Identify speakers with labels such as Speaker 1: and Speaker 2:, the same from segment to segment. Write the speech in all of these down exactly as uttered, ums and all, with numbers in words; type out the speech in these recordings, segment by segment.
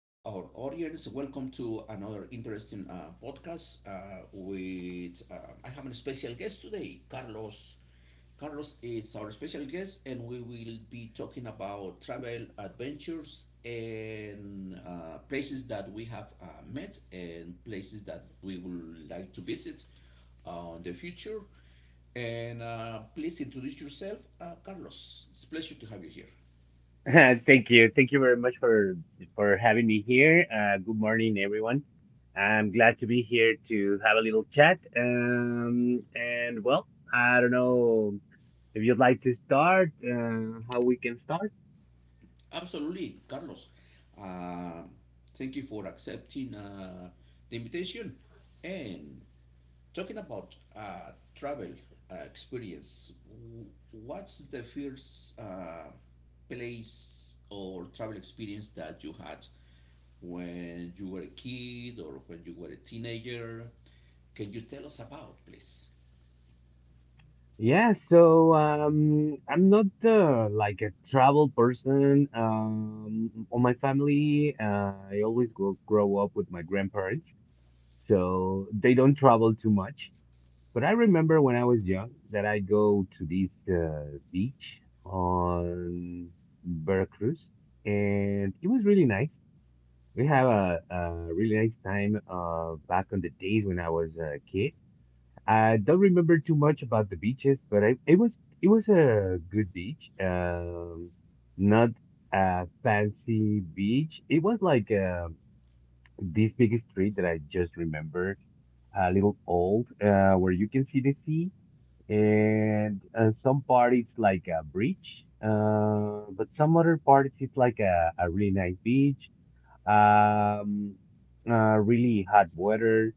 Speaker 1: to our audience. Welcome to another interesting uh, podcast uh, with uh, I have a special guest today, Carlos. Carlos is our special guest, and we will be talking about travel adventures and uh, places that we have uh, met and places that we would like to visit uh, in the future. And uh, please introduce yourself, uh, Carlos. It's a pleasure to have you here.
Speaker 2: Thank you. Thank you very much for for having me here. Uh, good morning, everyone. I'm glad to be here to have a little chat. Um, and well, I don't know if you'd like to start, uh, how we can start.
Speaker 1: Absolutely, Carlos. Uh, Thank you for accepting uh, the invitation. And talking about uh, travel uh, experience, w- what's the first uh, place or travel experience that you had when you were a kid or when you were a teenager? Can you tell us about, please?
Speaker 2: Yeah, so um, I'm not uh, like a travel person. Um, on my family, uh, I always grow, grow up with my grandparents, so they don't travel too much. But I remember when I was young that I go to this uh, beach on Veracruz, and it was really nice. We have a, a really nice time uh, back on the days when I was a kid. I don't remember too much about the beaches, but I, it was it was a good beach. Um, not a fancy beach. It was like uh, this big street that I just remembered a little old uh, where you can see the sea and uh, some part it's like a bridge uh, but some other parts it's like a, a really nice beach um, uh, really hot weather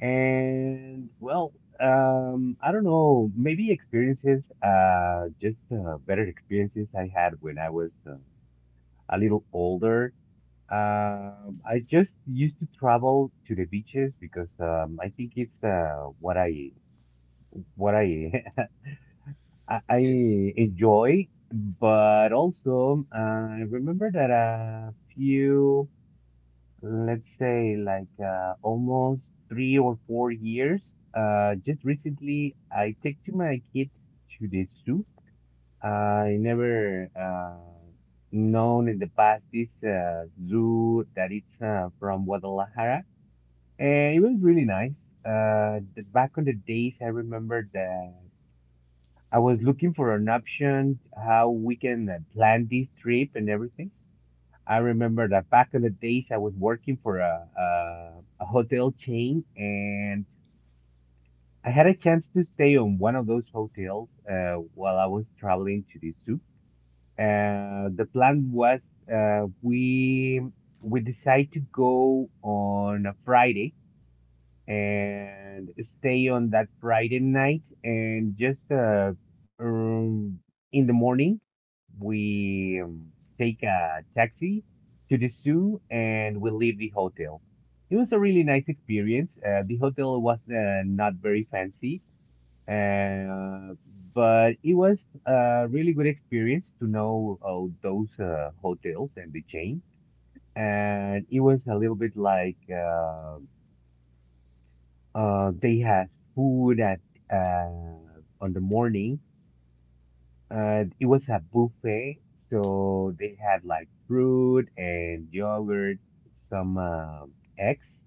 Speaker 2: and well um, i don't know, maybe experiences, uh, just uh, better experiences I had when I was uh, a little older. Um, I just used to travel to the beaches because um, I think it's uh, what I what I I, I enjoy, but also uh, I remember that a few, let's say like uh, almost three or four years, uh, just recently I took to my kid to the zoo. I never uh, known in the past this uh, zoo that it's uh, from Guadalajara, and it was really nice. Uh, the, back on the days, I remember that. I was looking for an option how we can uh, plan this trip and everything. I remember that back in the days I was working for a, a, a hotel chain and I had a chance to stay on one of those hotels uh, while I was traveling to the soup. Uh, the plan was, uh, we we decide to go on a Friday and stay on that Friday night and just uh, um, in the morning we um, take a taxi to the zoo and we leave the hotel. It was a really nice experience. Uh, the hotel was uh, not very fancy, uh, but it was a really good experience to know uh, those uh, hotels and the chain. And it was a little bit like uh, uh, they had food at uh, on the morning. Uh, it was a buffet, so they had like fruit and yogurt, some um eggs,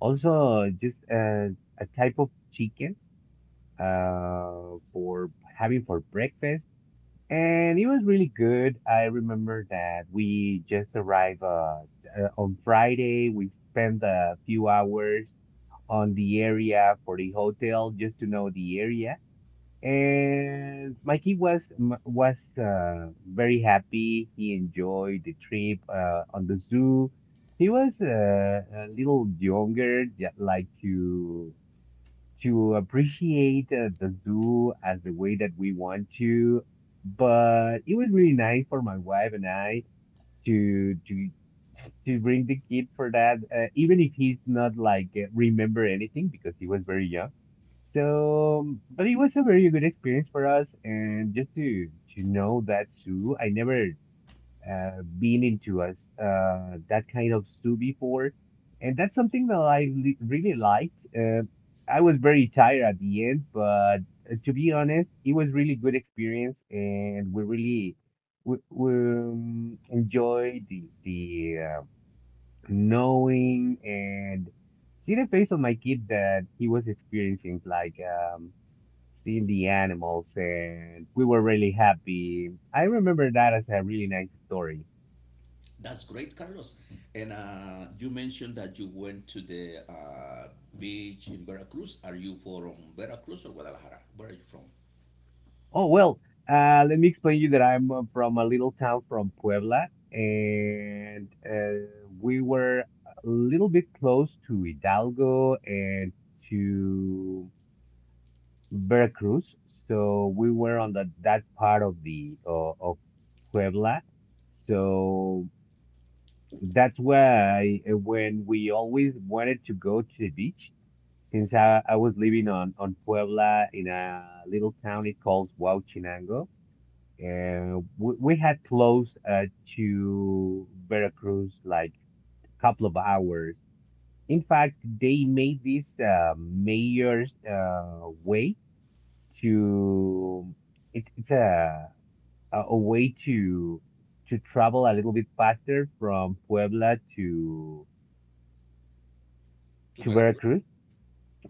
Speaker 2: also just uh, a type of chicken uh, for having for breakfast and it was really good. I remember that we just arrived uh, uh, on Friday. We spent a few hours on the area for the hotel just to know the area. And my kid was m- was uh, very happy. He enjoyed the trip uh, on the zoo. He was uh, a little younger, yeah, like to to appreciate uh, the zoo as the way that we want to. But it was really nice for my wife and I to to to bring the kid for that, uh, even if he's not like uh, remember anything because he was very young. So, but it was a very good experience for us, and just to to know that zoo. I never uh, been into us uh, that kind of stew before, and that's something that I li really liked. Uh, I was very tired at the end, but uh, to be honest, it was really good experience, and we really we, we um, enjoyed the the uh, knowing and see the face of my kid that he was experiencing like um seeing the animals and we were really happy. I remember that as a really nice story.
Speaker 1: That's great, Carlos. And uh, you mentioned that you went to the uh, beach in Veracruz. Are you from Veracruz or Guadalajara? Where are you from?
Speaker 2: Oh, well, uh, let me explain you that I'm uh, from a little town from Puebla, and uh, we were a little bit close to Hidalgo and to Veracruz, so we were on the, that part of the uh, of Puebla. So that's why uh, when we always wanted to go to the beach, since I, I was living on on Puebla in a little town it calls Huachinango. Uh, we, we had close uh, to Veracruz like a couple of hours. In fact, they made this uh, mayor's uh, way to, it's it's a a a way to to travel a little bit faster from Puebla to
Speaker 1: To
Speaker 2: to
Speaker 1: Veracruz?
Speaker 2: Veracruz.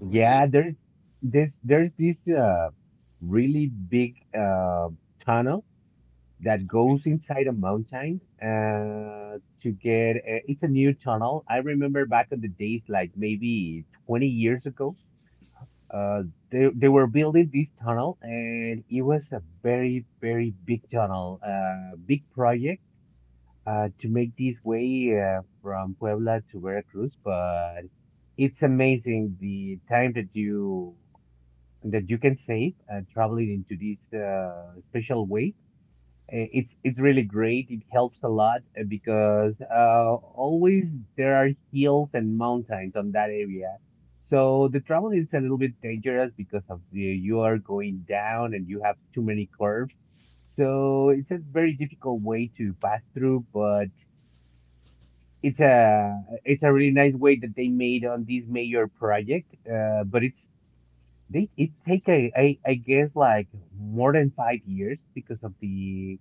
Speaker 1: Really?
Speaker 2: there's there's there's this uh, really big uh, tunnel that
Speaker 1: Okay.
Speaker 2: goes inside a mountain uh, to get uh, it's a new tunnel. I remember back in the days, like maybe twenty years ago, uh, they, they were building this tunnel and it was a very, very big tunnel, uh, big project uh, to make this way uh, from Puebla to Veracruz. But it's amazing the time that you that you can save uh, traveling into this uh, special way. Uh, It's it's really great. It helps a lot uh, because uh, always there are hills and mountains on that area. So the travel is a little bit dangerous because of the you are going down and you have too many curves. So it's a very difficult way to pass through, but it's a it's a really nice way that they made on this major project. Uh, but it's they it take a, I I guess like more than five years because of the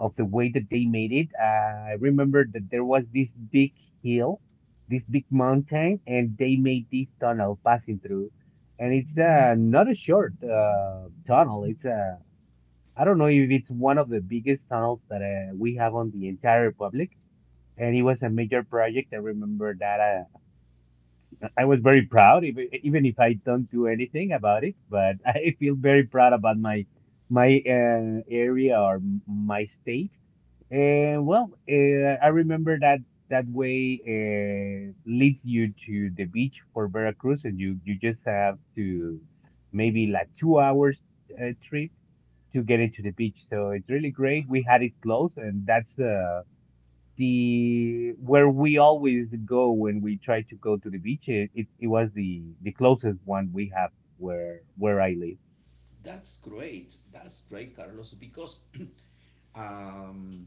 Speaker 2: of the way that they made it. Uh, I remember that there was this big hill, this big mountain, and they made this tunnel passing through. And it's uh, not a short uh, tunnel. It's uh, I don't know if it's one of the biggest tunnels that uh, we have on the entire republic. And it was a major project. I remember that uh, I was very proud, even even if I don't do anything about it. But I feel very proud about my my uh, area or m- my state. uh, well, uh, I remember that that way uh, leads you to the beach for Veracruz, and you you just have to maybe like two hours uh, trip to get into the beach. So it's really great. We had it close, and that's uh, the where we always go when we try to go to the beach. It it, it was the the closest one we have where where I live.
Speaker 1: That's great. That's great, Carlos, because um,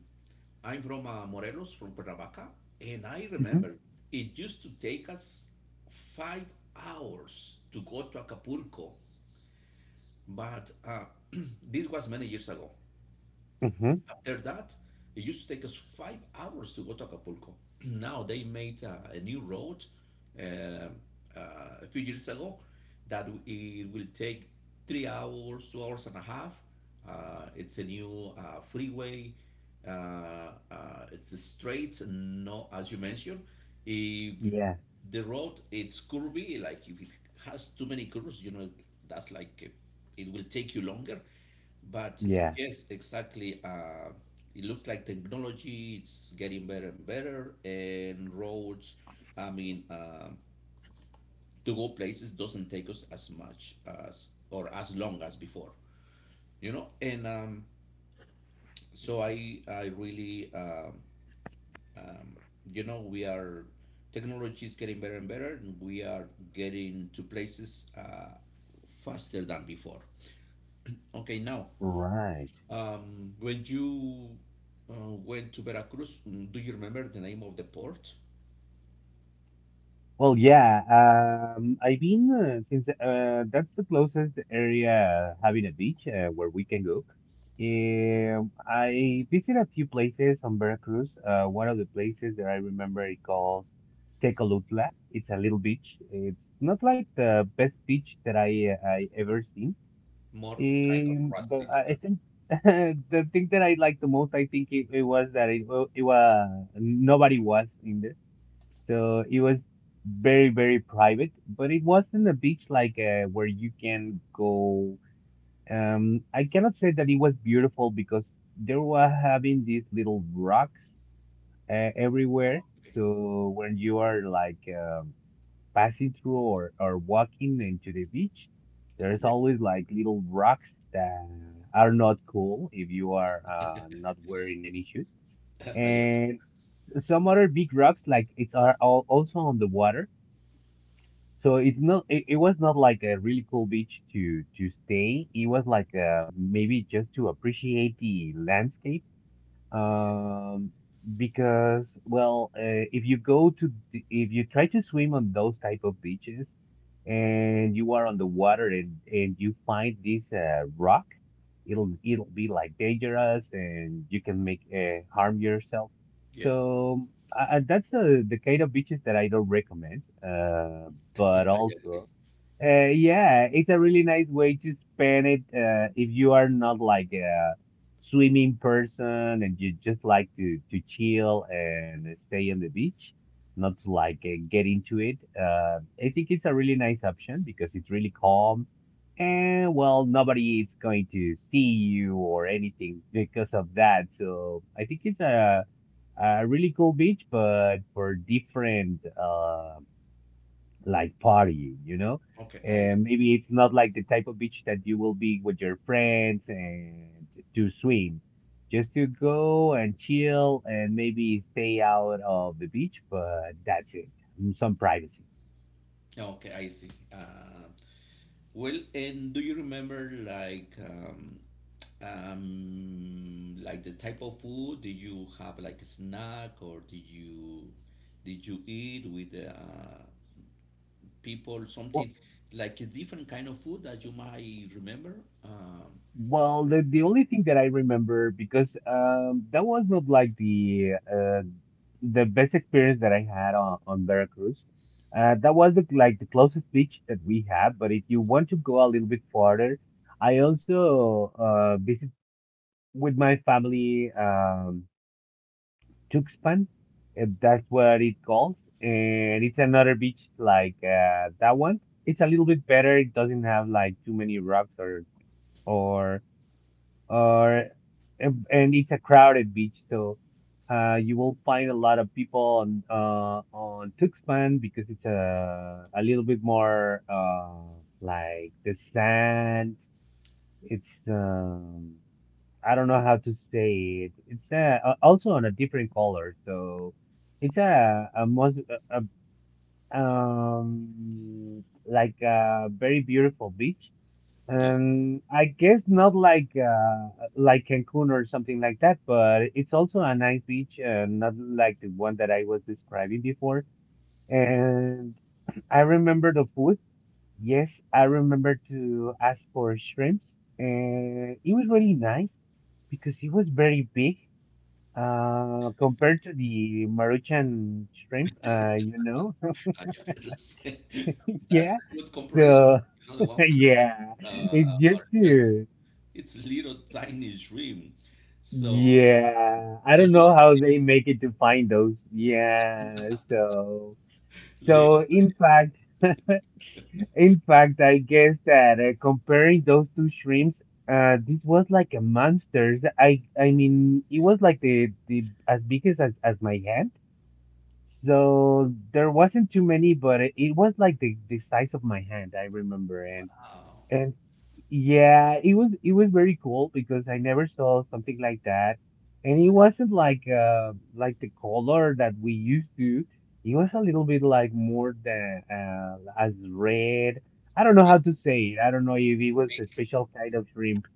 Speaker 1: I'm from uh, Morelos, from Cuernavaca, and I
Speaker 2: Hmm.
Speaker 1: remember it used to take us five hours to go to Acapulco, but uh, this was many years ago.
Speaker 2: Hmm.
Speaker 1: After that, it used to take us five hours to go to Acapulco. Now they made a, a new road um uh, a few years ago that it will take three hours, two hours and a half. Uh, it's a new uh, freeway. Uh, uh, it's straight, and no, as you mentioned, if
Speaker 2: Yeah,
Speaker 1: the road it's curvy, like if it has too many curves, you know, that's like uh, it will take you longer. But
Speaker 2: yeah.
Speaker 1: yes, exactly. Uh, it looks like technology it's getting better and better, and roads. I mean, uh, to go places doesn't take us as much as or as long as before, you know. And um, so I, I really, um, um, you know, we are technology is getting better and better, and we are getting to places uh, faster than before. Okay, now.
Speaker 2: Right.
Speaker 1: Um, when you uh, went to Veracruz, mm, do you remember the name of the port?
Speaker 2: Well, yeah. Um, I've been uh, since uh, that's the closest area uh, having a beach uh, where we can go. Um, I visit a few places on Veracruz. Uh, one of the places that I remember it calls Tecolutla. It's a little beach. It's not like the best beach that I uh, I ever seen.
Speaker 1: More kind of
Speaker 2: Um, but
Speaker 1: rustic.
Speaker 2: I I
Speaker 1: uh,
Speaker 2: think the thing that I liked the most, I think it, it was that it, wa- it was nobody was in there. So it was very, very private, but it wasn't a beach like uh, where you can go. Um, I cannot say that it was beautiful because they were having these little rocks uh, everywhere.
Speaker 1: Okay.
Speaker 2: So when you are like um, passing through or, or walking into the beach, there's
Speaker 1: Yes.
Speaker 2: always like little rocks that are not cool if you are uh, not wearing any shoes.
Speaker 1: I agree.
Speaker 2: And some other big rocks like it's are all also on the water so it's not it, it was not like a really cool beach to to stay. It was like uh, maybe just to appreciate the landscape,
Speaker 1: Yes.
Speaker 2: um, because well, uh, if you go to the- if you try to swim on those type of beaches and you are on the water and and you find this uh, rock, it'll it'll be like dangerous and you can make uh, harm yourself.
Speaker 1: Yes.
Speaker 2: So uh, that's the the kind of beaches that I don't recommend. Uh,
Speaker 1: I
Speaker 2: but
Speaker 1: agree.
Speaker 2: also. Uh, yeah, it's a really nice way to spend it uh, if you are not like uh, swimming person and you just like to to chill and stay on the beach, not to like uh, get into it. Uh, I think it's a really nice option because it's really calm and well, nobody is going to see you or anything because of that. So I think it's a a really cool beach, but for different, uh, like partying, you know?
Speaker 1: Okay, I
Speaker 2: And maybe it's not like the type of beach that you will be with your friends and to swim, just to go and chill and maybe stay out of the beach, but that's it. Some privacy.
Speaker 1: see. Okay, I see. Uh, well, and do you remember like um, um, like the type of food? Did you have like a snack or did you did you eat with uh, people, something like a different kind of food as you might remember. Um,
Speaker 2: Well, the, the only thing that I remember because um that was not like the uh the best experience that I had on, on Veracruz. Uh that was the, like the closest beach that we have, but if you want to go a little bit farther, I also uh visit with my family um Tuxpan, if that's what it calls, and it's another beach like uh that one. It's a little bit better. It doesn't have like too many rocks or or or and and it's a crowded beach, so uh, you will find a lot of people on uh, on Tuxpan because it's a a little bit more uh, like the sand. It's um, I don't know how to say it. It's uh, a- uh, also on a different color, so it's a a most a, a, um like a very beautiful beach
Speaker 1: yes,
Speaker 2: um, I guess not like uh like Cancun or something like that, but it's also a nice beach, uh, not like the one that I was describing before. And I remember the food. Yes, I remember to ask for shrimps, and it was really nice because it was very big, uh, compared to the Maruchan shrimp, uh, you know.
Speaker 1: I understand. That's
Speaker 2: Yeah.
Speaker 1: a good comparison.
Speaker 2: So
Speaker 1: You know, the one from
Speaker 2: yeah,
Speaker 1: the Mar-
Speaker 2: it's
Speaker 1: uh,
Speaker 2: just
Speaker 1: Mauritius.
Speaker 2: to
Speaker 1: It's little tiny shrimp. So,
Speaker 2: Yeah, I
Speaker 1: so
Speaker 2: don't
Speaker 1: you
Speaker 2: know how
Speaker 1: like
Speaker 2: they make it to find those. Yeah, so
Speaker 1: little?
Speaker 2: so in fact, in fact, I guess that uh, comparing those two shrimps, uh, this was like a monster. I I mean, it was like the the as big as as as my hand. So there wasn't too many, but it, it was like the the size of my hand, I remember. And.
Speaker 1: Wow,
Speaker 2: And yeah, it was it was very cool because I never saw something like that. And it wasn't like uh like the color that we used to. It was a little bit like more than uh as red. I don't know
Speaker 1: big,
Speaker 2: how to say it. I don't know if it was
Speaker 1: big.
Speaker 2: a special kind of shrimp.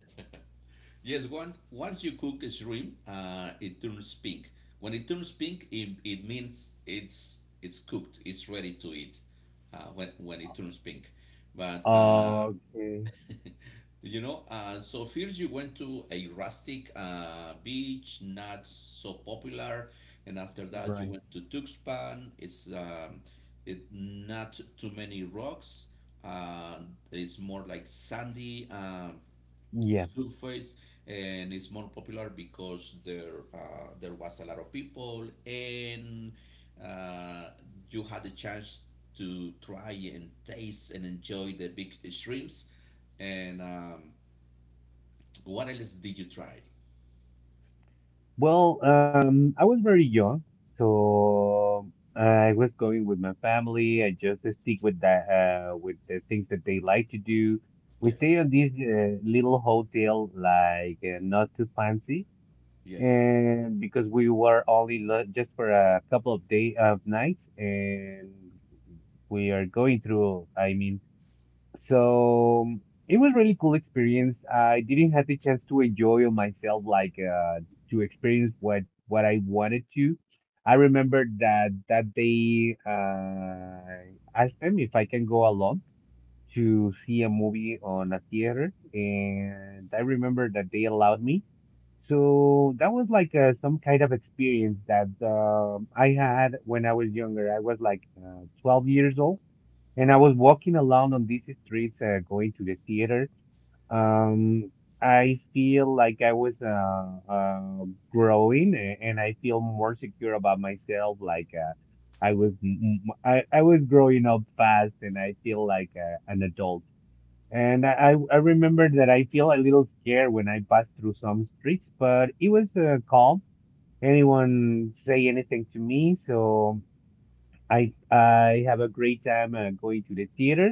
Speaker 1: Yes, one. Once you cook a shrimp, uh, it turns pink. When it turns pink, it, it means it's it's cooked. It's ready to eat. Uh, when when it turns pink, but uh,
Speaker 2: Okay,
Speaker 1: you know, uh, so first you went to a rustic uh, beach, not so popular, and after that you
Speaker 2: right.
Speaker 1: went to Tuxpan. It's um, it not too many rocks. Uh, it's more like sandy. Um,
Speaker 2: Yeah.
Speaker 1: surface and it's more popular because there uh, there was a lot of people and uh, you had the chance to try and taste and enjoy the big shrimps and um, what else did you try?
Speaker 2: Well, um, I was very young, so uh, I was going with my family. I just stick with that, uh, with the things that they like to do. We
Speaker 1: Yes.
Speaker 2: stay on this uh, little hotel, like uh, not too fancy,
Speaker 1: Yes.
Speaker 2: and because we were only lo just for a couple of day of nights, and we are going through, I mean, so um, it was really cool experience. I didn't have the chance to enjoy on myself, like uh, to experience what what I wanted to. I remember that that day uh, I asked them if I can go along to see a movie on a theater, and I remember that they allowed me. So that was like uh, some kind of experience that um I had when I was younger. I was like uh, twelve years old and I was walking around on these streets, uh, going to the theater. Um, I feel like I was uh, uh, growing, a- and I feel more secure about myself. Like uh, I was, m- m- I, I was growing up fast, and I feel like uh, an adult. And I, I I remember that I feel a little scared when I passed through some streets, but it was uh, calm. Anyone say anything to me, so I I have a great time uh, going to the theater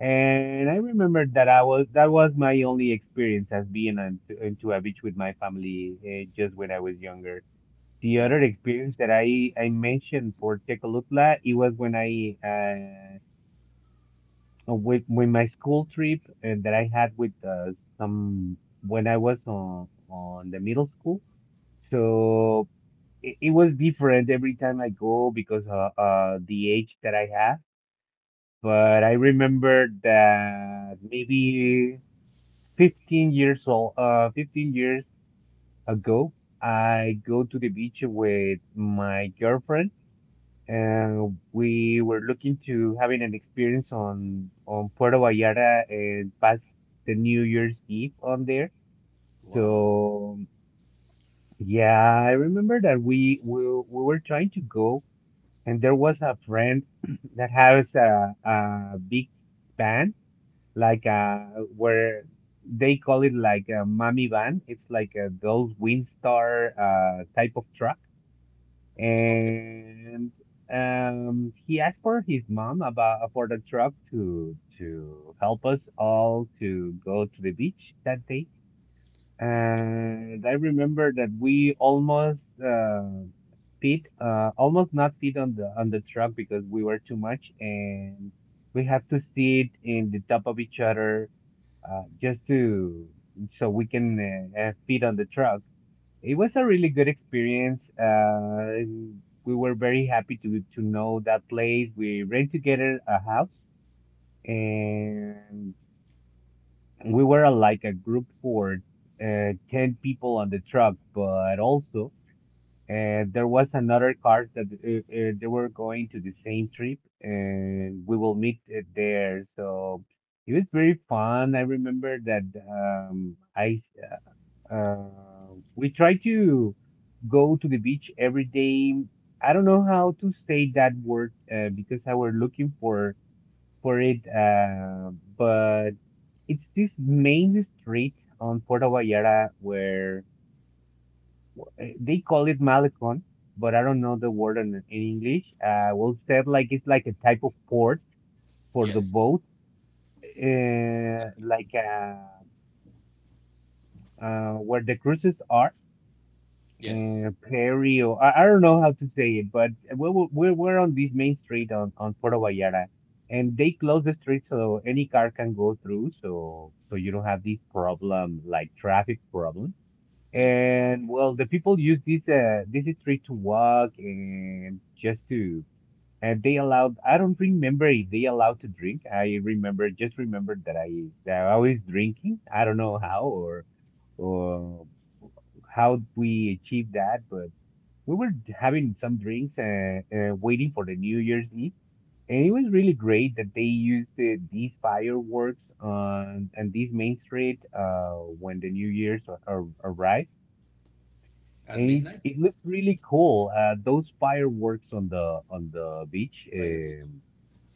Speaker 2: and I remember that I was that was my only experience as being on to, into a beach with my family uh, just when I was younger. The other
Speaker 1: That's
Speaker 2: experience that I I mentioned for Tecolutla, it was when I uh with with my school trip uh, that I had with uh, some when I was on on the middle school. So it, it was different every time I go because uh, uh the age that I have. But I remember that maybe fifteen years old, uh, fifteen years ago, I go to the beach with my girlfriend, and we were looking to having an experience on on Puerto Vallarta and pass the New Year's Eve on there.
Speaker 1: wow.
Speaker 2: So yeah, I remember that we we, we were trying to go, and there was a friend that has a, a big van like uh where they call it like a mommy van. It's like a those Windstar uh type of truck.
Speaker 1: Okay.
Speaker 2: And um he asked for his mom about uh, for the truck to to help us all to go to the beach that day.
Speaker 1: Okay.
Speaker 2: And I remember that we almost uh fit uh almost not fit on the on the truck because we were too much and we have to sit in the top of each other, uh, just to so we can uh, uh, fit on the truck. It was a really good experience. Uh, we were very happy to to know that place. We rented together a house, and we were uh, like a group for uh, ten people on the truck. But also, uh, there was another cars that uh, uh, they were going to the same trip, and we will meet uh, there. So it was very fun. I remember that um, I s- uh, uh, we try to go to the beach every day. I don't know how to say that word uh, because I were looking for for it, uh, but it's this main street on Puerto Vallarta where w- they call it malecon, but I don't know the word in, in English. Uh, we'll say it like it's like a type of port for the
Speaker 1: Yes,
Speaker 2: boat, uh,
Speaker 1: exactly.
Speaker 2: like uh, uh, where the cruises are,
Speaker 1: Yes.
Speaker 2: uh, Prairie, or I, I don't know how to say it, but we we're, we we're, on this main street on, on Puerto Vallarta. And they close the street so any car can go through, so so you don't have this problem like traffic problem.
Speaker 1: Yes.
Speaker 2: And well, the people use this uh this street to walk and just to and they allowed I don't remember if they allowed to drink. I remember just remembered that I that I was drinking. I don't know how or or how we achieved that, but we were having some drinks and, and waiting for the New Year's Eve. And it was really great that they used the, these fireworks on and this main street uh, when the New Year's ar- ar- arrived
Speaker 1: At
Speaker 2: it
Speaker 1: midnight.
Speaker 2: it looked really cool. Uh, those fireworks on the on the beach.
Speaker 1: By the beach.
Speaker 2: Um,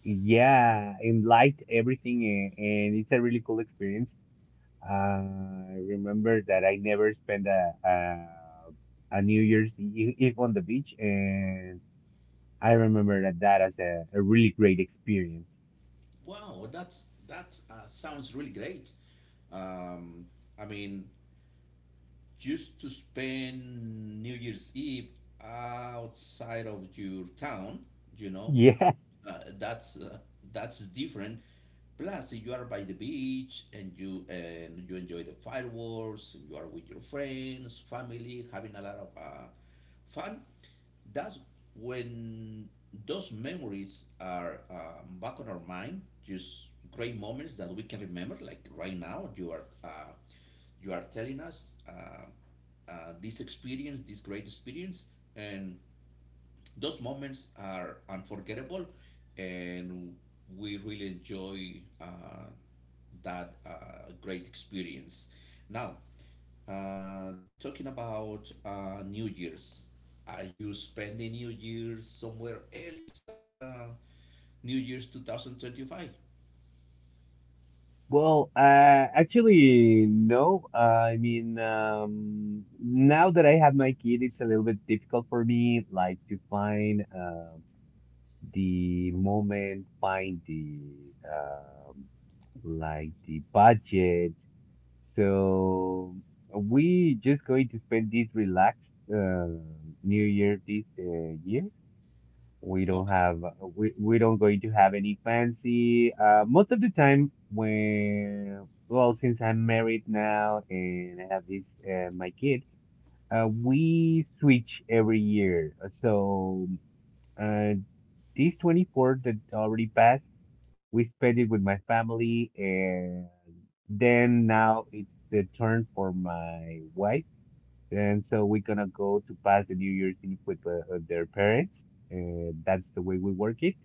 Speaker 2: yeah, and light everything, and, and it's a really cool experience. Uh, I remember that I never spent a, a a New Year's Eve Eve on the beach, and I remember that that as a, a really great experience.
Speaker 1: Wow, that's that uh, sounds really great. um, I mean, just to spend New Year's Eve outside of your town, you know,
Speaker 2: Yeah.
Speaker 1: uh, that's uh, that's different. Plus, you are by the beach and you and you enjoy the fireworks. And you are with your friends, family, having a lot of uh, fun. That's when those memories are um, back on our mind. Just great moments that we can remember. Like right now, you are uh, you are telling us uh, uh, this experience, this great experience, and those moments are unforgettable, and we really enjoy uh, that uh, great experience. Now, uh, talking about uh, New Year's, are you spending New Year's somewhere else? Uh, New Year's twenty twenty-five?
Speaker 2: Well, uh, actually, no. Uh, I mean, um, now that I have my kid, it's a little bit difficult for me, like to find uh, the moment, find the um, like the budget. So we just going to spend this relaxed uh, New Year this uh, year. We don't
Speaker 1: Okay,
Speaker 2: have we we don't going to have any fancy. Uh, most of the time when well, since I'm married now and I have this uh, my kid, uh, we switch every year. So uh, these twenty-four that already passed, we spent it with my family, and then now it's the turn for my wife and so we're gonna go to pass the New Year's Eve with uh, uh, their parents. Uh, that's the way we work it.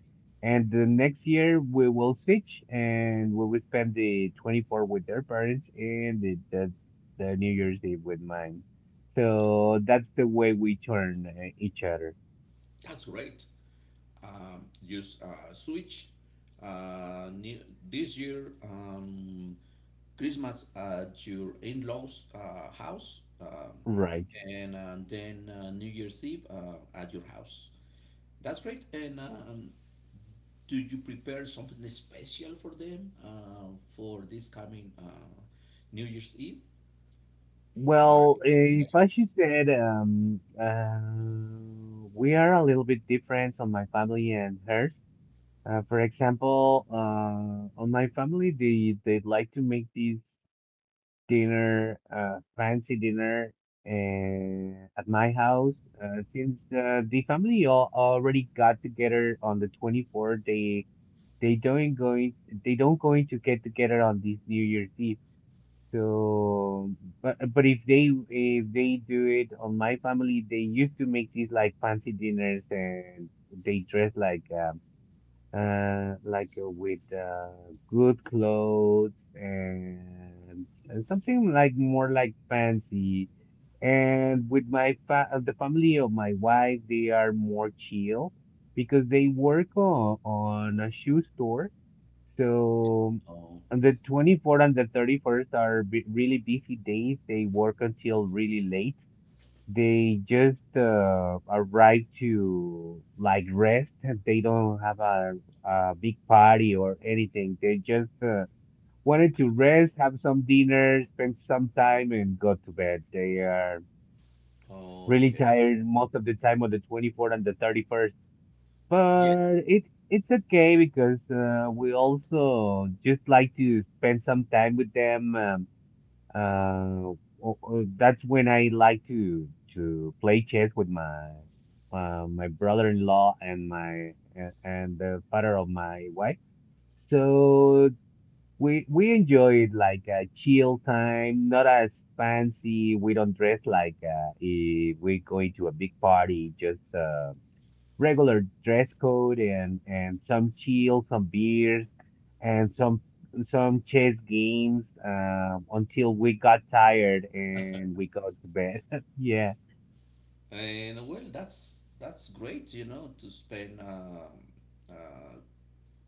Speaker 2: And the next year we will switch and we will spend the twenty-fourth with their parents and the, the, the New Year's Eve with mine. So that's the way we turn uh, each other.
Speaker 1: that's great. Um, use uh, Switch. Uh, new, this year, um, Christmas at your in-laws' uh, house, um,
Speaker 2: Right.
Speaker 1: and uh, then uh, New Year's Eve uh, at your house. That's great. And um, do you prepare something special for them uh, for this coming uh, New Year's Eve?
Speaker 2: Well,
Speaker 1: Barbecue,
Speaker 2: if
Speaker 1: maybe.
Speaker 2: I should said, um, uh, we are a little bit different on my family and hers. Uh, for example, uh, on my family, they they like to make this dinner, uh, fancy dinner, uh, at my house. Uh, since uh, the family all already got together on the twenty-fourth, they they don't going they don't going to get together on this New Year's Eve. So, but but if they if they do it on my family, they used to make these like fancy dinners and they dress like. Um uh, like uh, with uh, good clothes and uh, something like more like fancy. And with my fa uh, the family of my wife, they are more chill because they work on, on a shoe store. So
Speaker 1: Oh,
Speaker 2: on the twenty-fourth and the thirty-first are b really busy days. They work until really late. They just uh, arrive to like rest, and they don't have a, a big party or anything. They just uh, wanted to rest, have some dinner, spend some time, and go to bed. They are really
Speaker 1: okay.
Speaker 2: tired most of the time on the twenty-fourth and the thirty-first.
Speaker 1: Yes.
Speaker 2: But it it's okay because uh, we also just like to spend some time with them. Um, uh, o- o- that's when I like to to play chess with my uh, my brother-in-law and my a- and the father of my wife. So we we enjoy it like a chill time, not as fancy. We don't dress like uh, if we're going to a big party. Just uh, regular dress code and and some chill, some beers, and some some chess games um, until we got tired and we got to bed. Yeah.
Speaker 1: And well, that's that's great. You know, to spend um uh,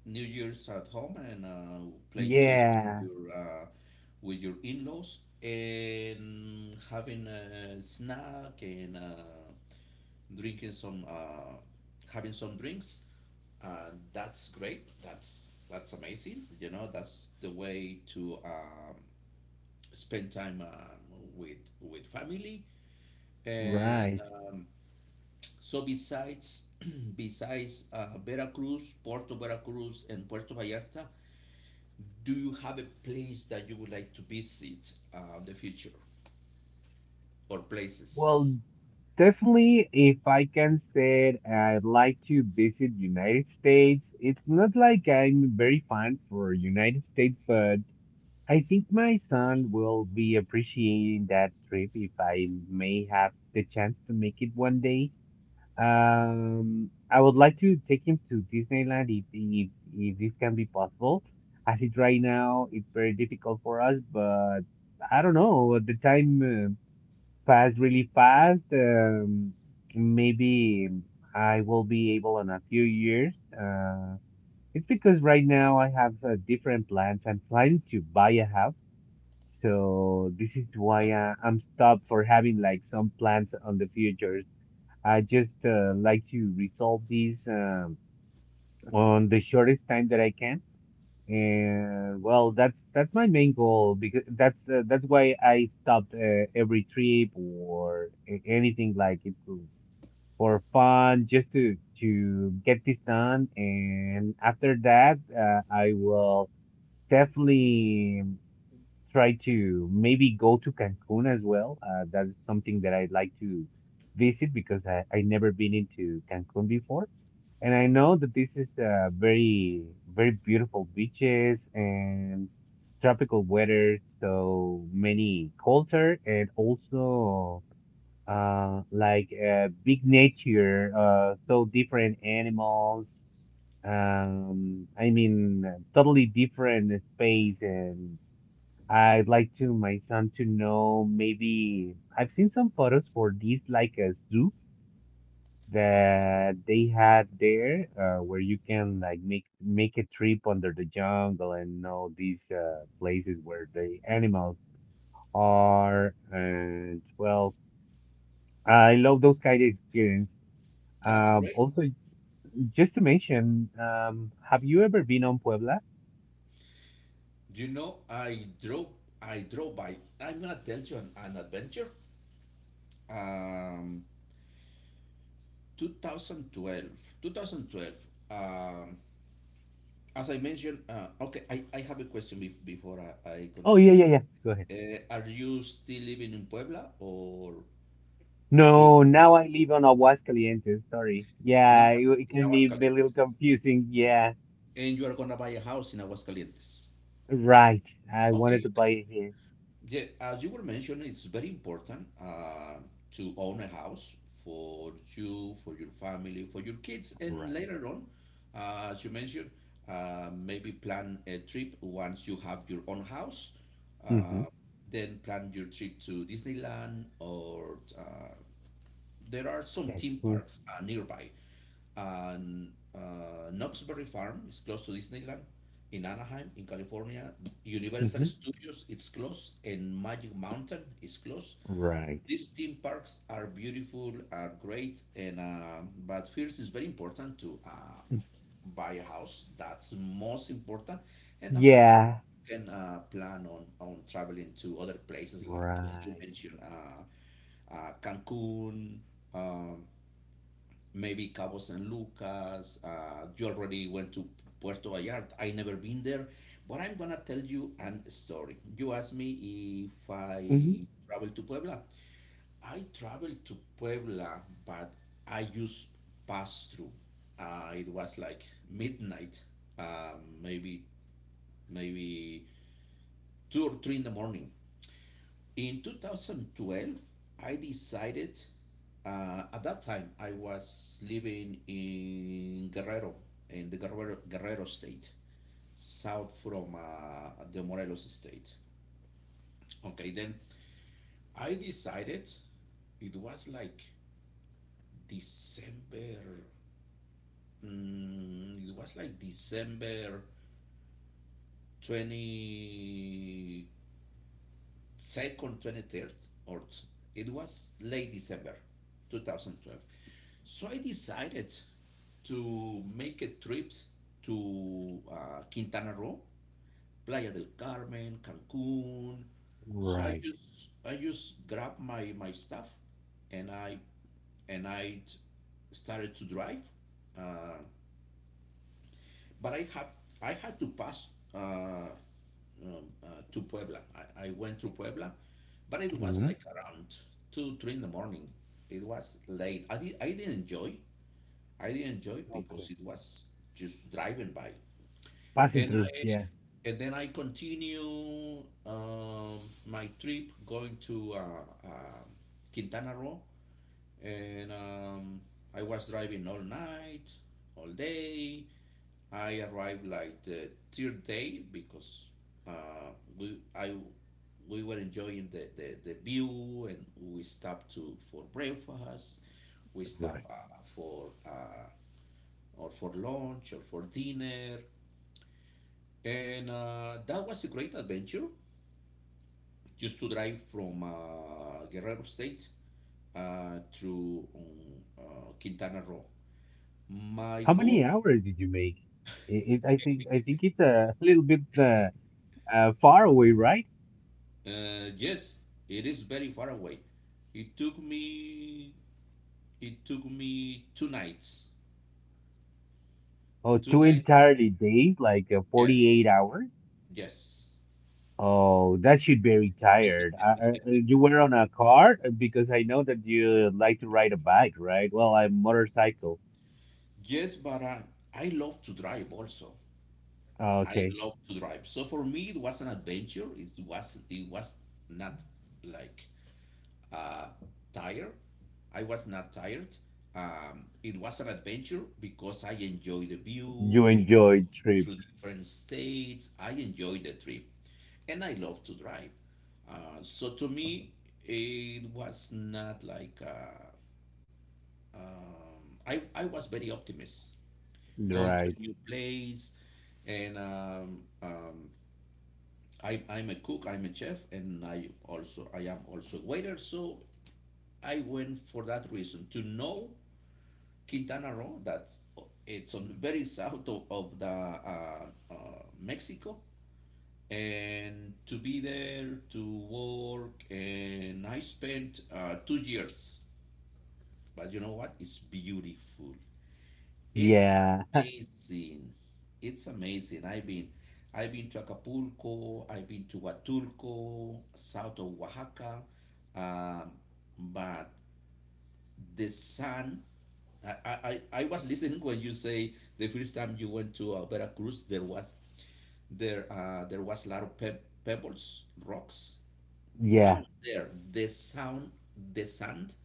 Speaker 1: New Year's at home and uh, playing chess with
Speaker 2: Yeah,
Speaker 1: your uh, with your in-laws and having a snack and uh, drinking some uh, having some drinks. Uh, that's great. That's that's amazing. You know, that's the way to um, spend time um, with with family. And
Speaker 2: right.
Speaker 1: um, so besides besides uh, Veracruz, Puerto Veracruz, and Puerto Vallarta, do you have a place that you would like to visit uh, in the future or places?
Speaker 2: Well, definitely, if I can say it, I'd like to visit United States. It's not like I'm very fond for United States, but I think my son will be appreciating that trip if I may have the chance to make it one day. Um, I would like to take him to Disneyland if, if, if this can be possible. As it right now, it's very difficult for us, but I don't know. The time uh, passed really fast. Um, maybe I will be able in a few years. Uh, it's because right now I have uh, different plans. I'm planning to buy a house so this is why
Speaker 1: Oh,
Speaker 2: uh, I'm stopped for having like some plans on the futures. I just uh, like to resolve these um, on the shortest time that I can. And well, that's that's my main goal because that's uh, that's why I stopped uh, every trip or a- anything like it to- for fun, just to to get this done. And after that, uh, I will definitely try to maybe go to Cancun as well. Uh, that is something that I'd like to visit because I, I never been into Cancun before. And I know that this is uh, very, very beautiful beaches and tropical weather, so many culture and also uh, like uh, big nature, uh, so different animals. Um, I mean, totally different space and I'd like to my son to know maybe I've seen some photos for these like a zoo
Speaker 1: okay,
Speaker 2: that they had there uh, where you can like make make a trip under the jungle and all these uh, places where the animals are and well I love those kind of experience.
Speaker 1: that's
Speaker 2: Um,
Speaker 1: great.
Speaker 2: also just to mention, um, have you ever been on Puebla?
Speaker 1: You know, I drove. I drove by. I'm gonna tell you an, an adventure. Um, two thousand twelve, two thousand twelve. Um, as I mentioned, uh, okay, I, I have a question bef- before I, I
Speaker 2: Oh, yeah
Speaker 1: continue.
Speaker 2: yeah yeah. Go ahead.
Speaker 1: Uh, are you still living in Puebla or do you
Speaker 2: No, now I live on Aguascalientes. Sorry.
Speaker 1: in,
Speaker 2: Yeah,
Speaker 1: Aguas-
Speaker 2: it, it
Speaker 1: in
Speaker 2: can be a little
Speaker 1: Aguascalientes?
Speaker 2: confusing. Yeah,
Speaker 1: And you are gonna buy a house in Aguascalientes?
Speaker 2: right. I wanted to
Speaker 1: Okay,
Speaker 2: buy it here.
Speaker 1: yeah, as you were mentioning, it's very important uh, to own a house for you, for your family, for your kids, and
Speaker 2: Right.
Speaker 1: later on, uh, as you mentioned, uh, maybe plan a trip once you have your own house.
Speaker 2: Mm-hmm.
Speaker 1: Uh, then plan your trip to Disneyland or uh, there are some theme
Speaker 2: Cactus.
Speaker 1: parks uh, nearby. And uh, Knoxbury Farm is close to Disneyland. In Anaheim, in California, Universal
Speaker 2: Mm-hmm.
Speaker 1: Studios is close, and Magic Mountain is close.
Speaker 2: Right.
Speaker 1: These theme parks are beautiful, are great, and uh, but first it's very important to uh, buy a house. That's most important, and after that,
Speaker 2: Yeah,
Speaker 1: you can uh, plan on on traveling to other places like uh, you
Speaker 2: right,
Speaker 1: mentioned. Uh, uh, Cancun, um, maybe Cabo San Lucas. Uh, you already went to Puerto Vallarta. I never been there, but I'm gonna tell you an story. You asked me if
Speaker 2: mm-hmm.
Speaker 1: I traveled to Puebla. I traveled to Puebla, but I just passed through. Uh, it was like midnight, uh, maybe maybe two or three in the morning. In two thousand twelve, I decided, uh, at that time, I was living in Guerrero, in the Guerrero, Guerrero state, south from uh, the Morelos state. Okay, then I decided, it was like December, mm, it was like December twenty-second, twenty-third, or it was late December twenty twelve. So I decided to make a trip to uh, Quintana Roo, Playa del Carmen, Cancun. So I
Speaker 2: Right.
Speaker 1: just I just grabbed my, my stuff and I and I t- started to drive. Uh, but I have I had to pass uh, um, uh, to Puebla. I, I went through Puebla, but it was
Speaker 2: Hmm.
Speaker 1: like around two three in the morning. It was late. I did I didn't enjoy. I didn't enjoy because
Speaker 2: Okay.
Speaker 1: it was just driving by,
Speaker 2: Passing
Speaker 1: and
Speaker 2: through.
Speaker 1: I
Speaker 2: Yeah.
Speaker 1: and then I continue um, my trip going to uh, uh, Quintana Roo, and um, I was driving all night, all day. I arrived like the third day because uh, we I we were enjoying the, the, the view and we stopped to for breakfast. We stopped
Speaker 2: Right.
Speaker 1: uh, for uh, or for lunch or for dinner, and uh, that was a great adventure. Just to drive from uh, Guerrero State uh, through um, uh, Quintana Roo. My
Speaker 2: How
Speaker 1: God,
Speaker 2: many hours did you make? It, it, I think I think it's a little bit uh, uh, far away, right?
Speaker 1: uh, yes, it is very far away. It took me it took me two nights.
Speaker 2: Oh,
Speaker 1: Two
Speaker 2: two
Speaker 1: nights.
Speaker 2: entirely days, like uh,
Speaker 1: Yes,
Speaker 2: forty-eight hours.
Speaker 1: yes,
Speaker 2: Oh, that should be retired. Uh, uh, uh, you were on a car? Uh, Because I know that you like to ride a bike, right? Well, a motorcycle.
Speaker 1: yes. But I I love to drive also.
Speaker 2: Oh,
Speaker 1: I
Speaker 2: okay.
Speaker 1: love to drive. So for me, it was an adventure. It was it was not like uh, tired. I was not tired. Um, it was an adventure because I enjoyed the view,
Speaker 2: You
Speaker 1: going
Speaker 2: enjoyed trip,
Speaker 1: through different states. I enjoyed the trip, and I love to drive. Uh, so to me, it was not like uh, um, I I was very optimist going to
Speaker 2: right?
Speaker 1: a new place, and um, um, I I'm a cook, I'm a chef, and I also I am also a waiter. So I went for that reason to know Quintana Roo. That's it's on very south of, of the uh, uh, Mexico. And to be there to work, and I spent uh, two years. But you know what? It's beautiful. It's
Speaker 2: Yeah.
Speaker 1: amazing. It's amazing. I've been, I've been to Acapulco. I've been to Huatulco, south of Oaxaca. Um, but the sun. I, I, I I was listening when you say the first time you went to uh, Veracruz, there was there uh, there was a lot of pe- pebbles, rocks
Speaker 2: Yeah.
Speaker 1: down there. The sound, the sand,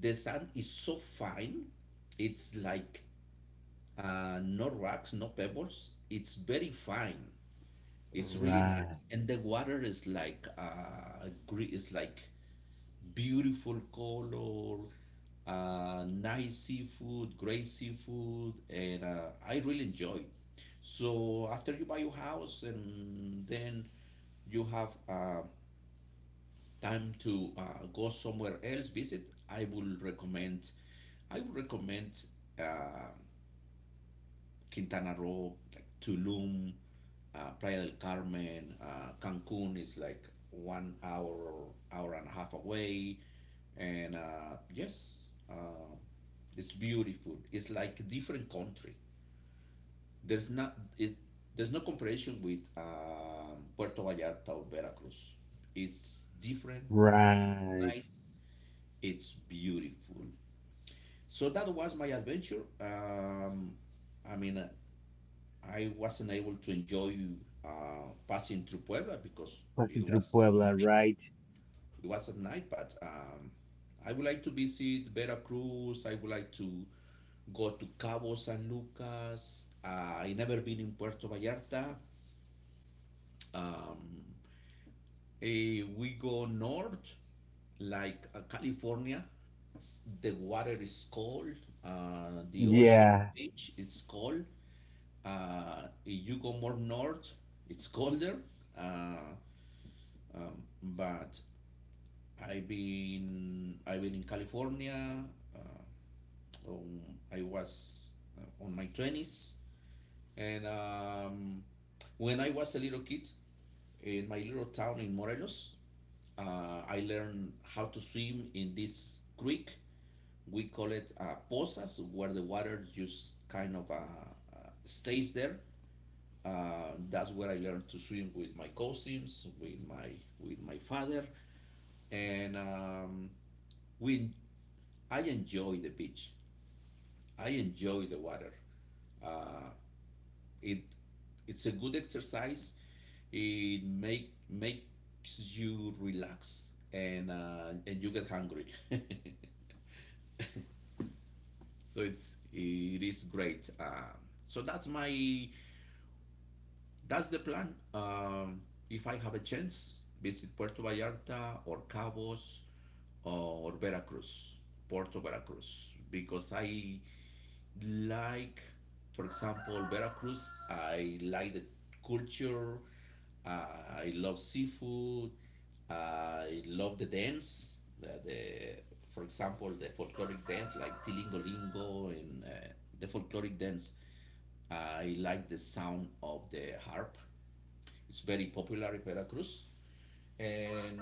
Speaker 1: the sand is so fine. It's like uh, no rocks, no pebbles. It's very fine. It's really nice,
Speaker 2: Right.
Speaker 1: and the water is like uh, gre- is like beautiful color, uh, nice seafood, great seafood, and uh, I really enjoy. So after you buy your house, and then you have uh, time to uh, go somewhere else visit, I will recommend. I would recommend uh, Quintana Roo, like Tulum, uh, Playa del Carmen, uh, Cancun is like one hour, hour and a half away and uh, yes uh, it's beautiful. It's like a different country. There's not it, There's no comparison with um, Puerto Vallarta or Veracruz. It's different.
Speaker 2: Right.
Speaker 1: Nice. It's beautiful. So that was my adventure. Um, i mean uh, I wasn't able to enjoy uh, passing through Puebla because it
Speaker 2: Passing through
Speaker 1: was at
Speaker 2: Puebla,
Speaker 1: night.
Speaker 2: right?
Speaker 1: It was at night, but um, I would like to visit Veracruz. I would like to go to Cabo San Lucas. Uh, I never been in Puerto Vallarta. Um, eh, we go north, like uh, California. S- The water is cold. Uh, the ocean, the
Speaker 2: Yeah.
Speaker 1: beach, it's cold. Uh, if you go more north, it's colder. Uh, um, but I've been I've been in California. Uh, um, I was uh, on my twenties, and um, when I was a little kid in my little town in Morelos, uh, I learned how to swim in this creek. We call it uh, pozas, where the water just kind of uh, uh, stays there. Uh, that's where I learned to swim with my cousins, with my with my father, and um, we I enjoy the beach. I enjoy the water. Uh, it it's a good exercise. It make makes you relax and uh, and you get hungry. so it's it is great. Um, so that's my that's the plan. Um, if I have a chance, visit Puerto Vallarta or Cabos or Veracruz, Puerto Veracruz, because I like, for example, Veracruz. I like the culture. Uh, I love seafood. Uh, I love the dance, the, the for example, the folkloric dance, like tilingolingo, and uh, the folkloric dance. I like the sound of the harp. It's very popular in Veracruz, and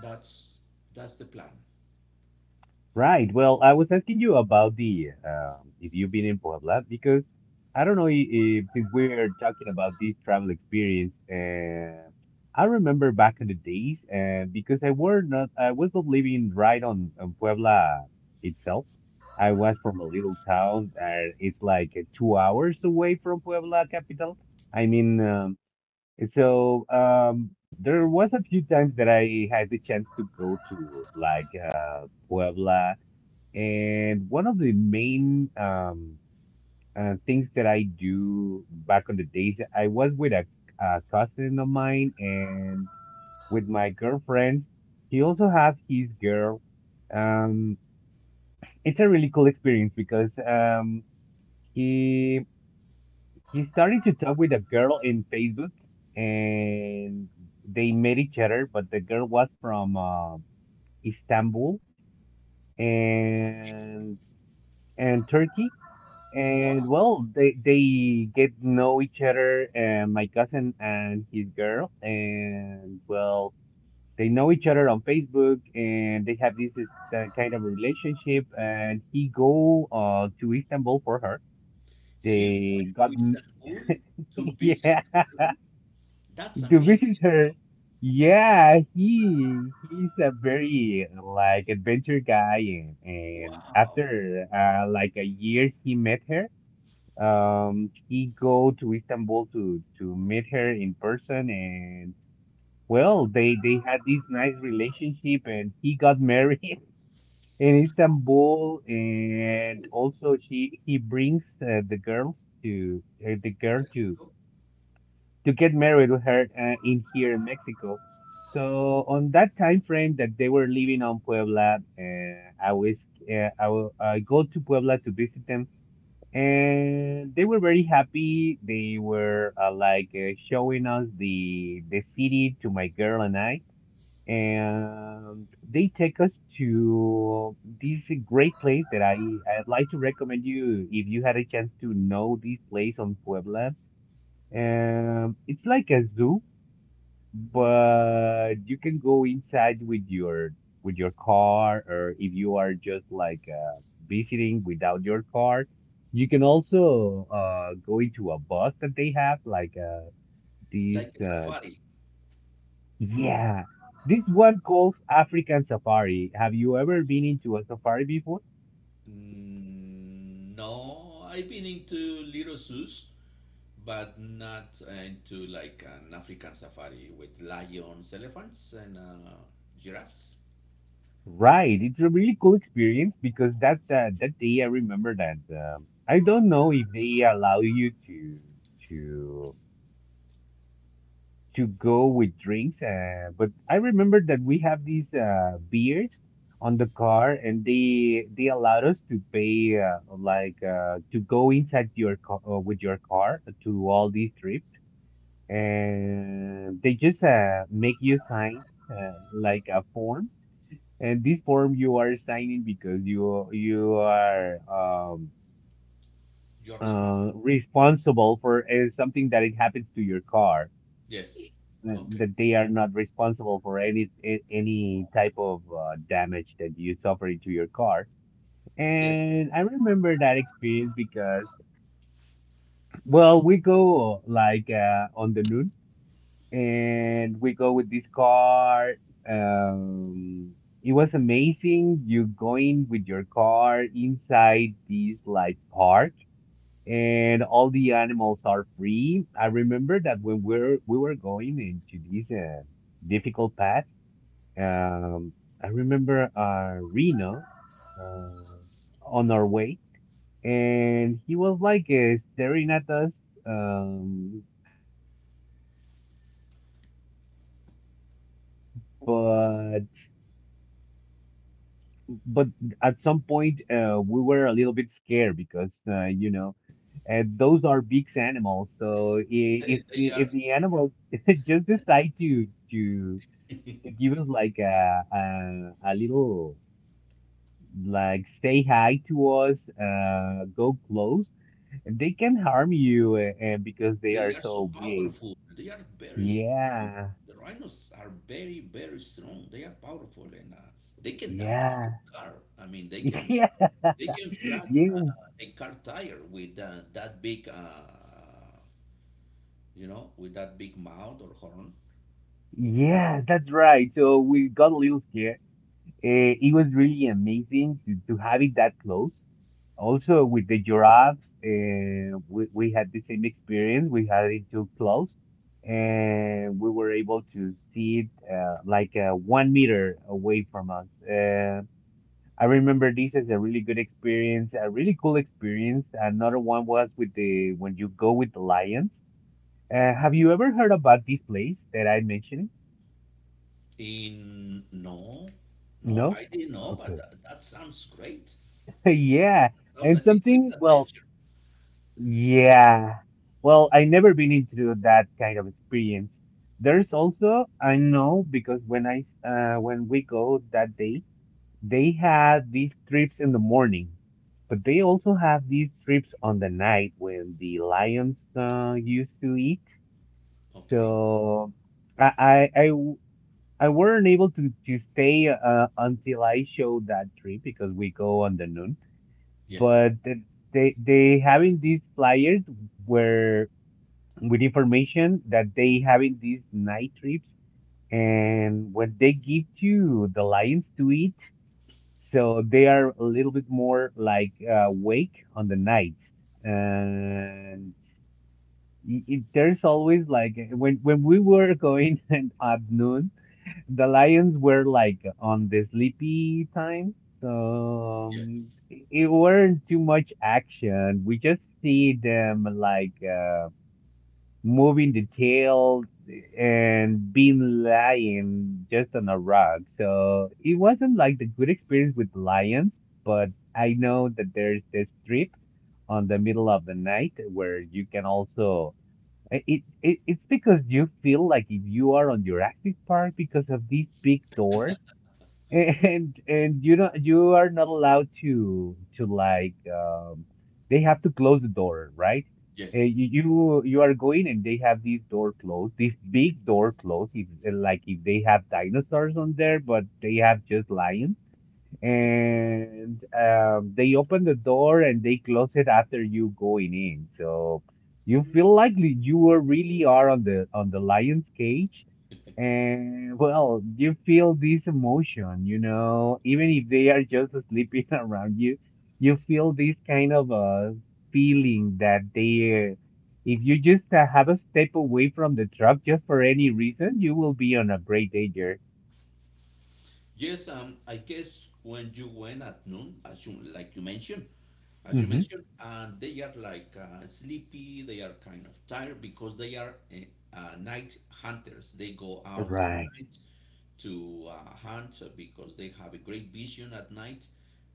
Speaker 1: that's that's the plan.
Speaker 2: Right. Well, I was asking you about the um, if you've been in Puebla because I don't know i- if, since we're talking about this travel experience, uh, I remember back in the days, uh, because I were not I was not living right on, on Puebla itself. I was from a little town. Uh, it's like uh, two hours away from Puebla capital. I mean, um, so um, there was a few times that I had the chance to go to like uh, Puebla, and one of the main um, uh, things that I do back on the days, I was with a, a cousin of mine and with my girlfriend. He also have his girl. Um, it's a really cool experience because um, he he started to talk with a girl in Facebook, and they met each other. But the girl was from uh, Istanbul and and Turkey, and
Speaker 1: Wow.
Speaker 2: well, they they get to know each other. And my cousin and his girl, and well, they know each other on Facebook, and they have this is the kind of relationship. And he go uh, to Istanbul for her.
Speaker 1: He went
Speaker 2: They got
Speaker 1: to
Speaker 2: m-
Speaker 1: Istanbul to visit
Speaker 2: yeah.
Speaker 1: his girlfriend. That's
Speaker 2: To
Speaker 1: amazing.
Speaker 2: visit
Speaker 1: You
Speaker 2: her.
Speaker 1: know?
Speaker 2: Yeah, he he's a very like adventure guy, and, and after
Speaker 1: Wow.
Speaker 2: uh, like a year he met her. Um, he go to Istanbul to to meet her in person, and well, they they had this nice relationship, and he got married in Istanbul, and
Speaker 1: Really,
Speaker 2: also she he brings uh, the girls to uh, the girl to
Speaker 1: Mexico,
Speaker 2: to get married with her uh, in here in Mexico. So on that time frame that they were living on Puebla, uh, I was uh, I will I go to Puebla to visit them, and they were very happy. They were uh, like uh, showing us the the city to my girl and I, and they take us to this great place that I I'd like to recommend you if you had a chance to know this place on Puebla. Um, it's like a zoo but you can go inside with your with your car or if you are just like uh, visiting without your car you can also uh, go into a bus that they have like uh, this
Speaker 1: like a
Speaker 2: uh,
Speaker 1: safari.
Speaker 2: yeah this one calls African safari. Have you ever been into a safari before?
Speaker 1: Mm, no, I've been into little zoos, but not uh, into like an African safari with lions, elephants, and uh, giraffes.
Speaker 2: Right, it's a really cool experience because that uh, that day I remember that um, I don't know if they allow you to to to go with drinks. Uh, but I remember that we have these uh, beers on the car, and they they allowed us to pay uh, like uh, to go inside your car uh, with your car to all these trips, and they just uh, make you sign uh, like a form. And this form you are signing because you you are um,
Speaker 1: You're responsible.
Speaker 2: uh, responsible for uh, something that it happens to your car.
Speaker 1: Yes.
Speaker 2: Uh,
Speaker 1: Okay.
Speaker 2: that they are not responsible for any a- any type of uh, damage that you suffered to your car.
Speaker 1: Yes,
Speaker 2: And I remember that experience because, well, we go like uh, on the noon, and we go with this car. Um, it was amazing. You going with your car inside this like park. And all the animals are free. I remember that when we're we were going into this uh, difficult path. Um, I remember uh, Reno uh, on our way, and he was like uh, staring at us. Um, but but at some point, uh, we were a little bit scared because uh, you know, uh, those are big animals. So i- if
Speaker 1: eh, they
Speaker 2: the-
Speaker 1: are.
Speaker 2: if the animal just decide to to to give us like a a, a little like say hi to us, uh, go close. And they can harm you, uh, uh, because they
Speaker 1: They
Speaker 2: are
Speaker 1: are so
Speaker 2: so big.
Speaker 1: powerful. They are very strong.
Speaker 2: Yeah,
Speaker 1: The rhinos are very, very strong. They are powerful, and uh, they can damage
Speaker 2: yeah,
Speaker 1: your car. I mean, they can
Speaker 2: yeah,
Speaker 1: they can flat
Speaker 2: yeah,
Speaker 1: uh, a car tire with uh, that big, uh, you know, with that big mouth or horn.
Speaker 2: yeah, that's right. So we got a little scared. Uh, it was really amazing to, to have it that close. Also, with the giraffes, uh, we, we had the same experience. We had it too close, and we were able to see it uh, like uh, one meter away from us. Uh, I remember this as a really good experience, a really cool experience. Another one was with the when you go with the lions. Uh, have you ever heard about this place that I mentioned?
Speaker 1: In No, no,
Speaker 2: No?
Speaker 1: I didn't know, but
Speaker 2: Okay.
Speaker 1: that, that sounds great.
Speaker 2: Yeah.
Speaker 1: Sounds
Speaker 2: And
Speaker 1: like a great
Speaker 2: something, well,
Speaker 1: adventure.
Speaker 2: yeah. Well, I never been into that kind of experience. There's also, I know because when I uh, when we go that day, they had these trips in the morning, but they also have these trips on the night when the lions uh, used to eat.
Speaker 1: Okay.
Speaker 2: So I I I w- I weren't able to to stay uh, until I showed that trip because we go on the noon.
Speaker 1: Yes.
Speaker 2: But th- they they having these flyers where with information that they having these night trips and what they give to the lions to eat so they are a little bit more like uh, awake on the night. And i- it, there's always like when when we were going and at noon, the lions were like on the sleepy time. So
Speaker 1: Yes.
Speaker 2: um, it it weren't too much action. We just see them like uh, moving the tail and being lying just on a rug. So it wasn't like the good experience with lions, but I know that there's this trip on the middle of the night where you can also I- it, it it's because you feel like if you are on Jurassic Park because of these big doors and and you know you are not allowed to to like um they have to close the door, right? Uh,
Speaker 1: Yes.
Speaker 2: you, you you are going and they have this door closed, this big door closed, if, eh, like if they have dinosaurs on there but they have just lions
Speaker 1: Yes.
Speaker 2: and um they open the door and they close it after you going in so you feel like li- you are really are on the on the lion's cage and well, you feel this emotion, you know, even if they are just sleeping around you, you feel this kind of a feeling that they, if you just uh, have a step away from the truck just for any reason, you will be on a great danger.
Speaker 1: Yes, um, I guess when you went at noon, as you like you mentioned, as you
Speaker 2: Hmm.
Speaker 1: mentioned, and they are like uh, sleepy. They are kind of tired because they are uh, uh, night hunters. They go out at
Speaker 2: Right.
Speaker 1: night to uh, hunt because they have a great vision at night,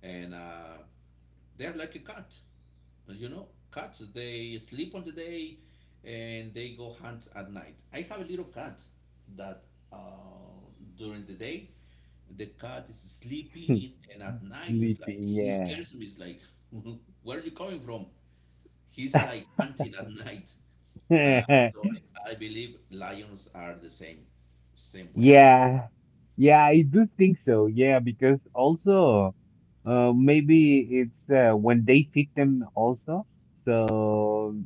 Speaker 1: and uh, they are like a cat. You know, cats they sleep on the day, and they go hunt at night. I have a little cat that uh, during the day the cat is sleeping, and at night it's like
Speaker 2: Sleeping,
Speaker 1: he scares me. It's like, where are you coming from? He's
Speaker 2: yeah.
Speaker 1: like hunting at night. Uh, so I, I believe lions are the same, same way.
Speaker 2: Yeah, yeah, I do think so. Yeah, because also, uh, maybe it's uh, when they pick them also. So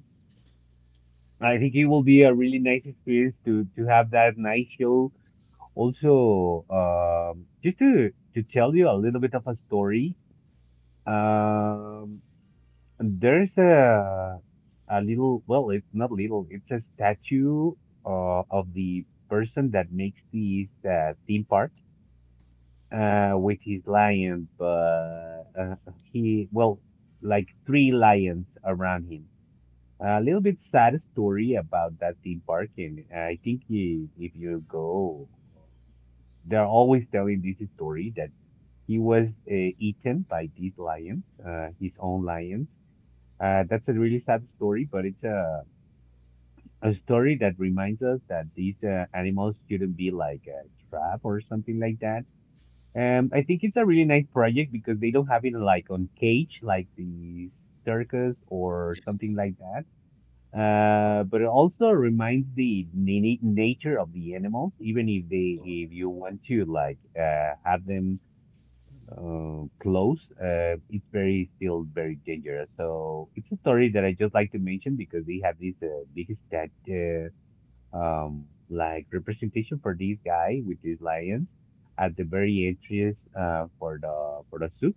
Speaker 2: I think it will be a really nice experience to to have that night show. Also, um, just to to tell you a little bit of a story. Um, there's a a little, well, it's not little, it's a statue uh, of the person that makes these uh, theme parks, uh, with his lion, but uh, he, well, like three lions around him. A little bit sad story about that theme park, and I think he, if you go, they're always telling this story that he was uh, eaten by these lions, uh, his own lions. Uh, that's a really sad story, but it's a a story that reminds us that these uh, animals shouldn't be like a trap or something like that. um, I think it's a really nice project because they don't have it like on cage, like the circus or
Speaker 1: Yes.
Speaker 2: something like that. Uh, but it also reminds the na- nature of the animals, even if they,
Speaker 1: Go
Speaker 2: if you want to like uh, have them uh, close, uh, it's very still very dangerous. So it's a story that I just like to mention because they have this uh, big stat uh, um, like representation for this guy with these lions at the very entrance uh, for the for the soup.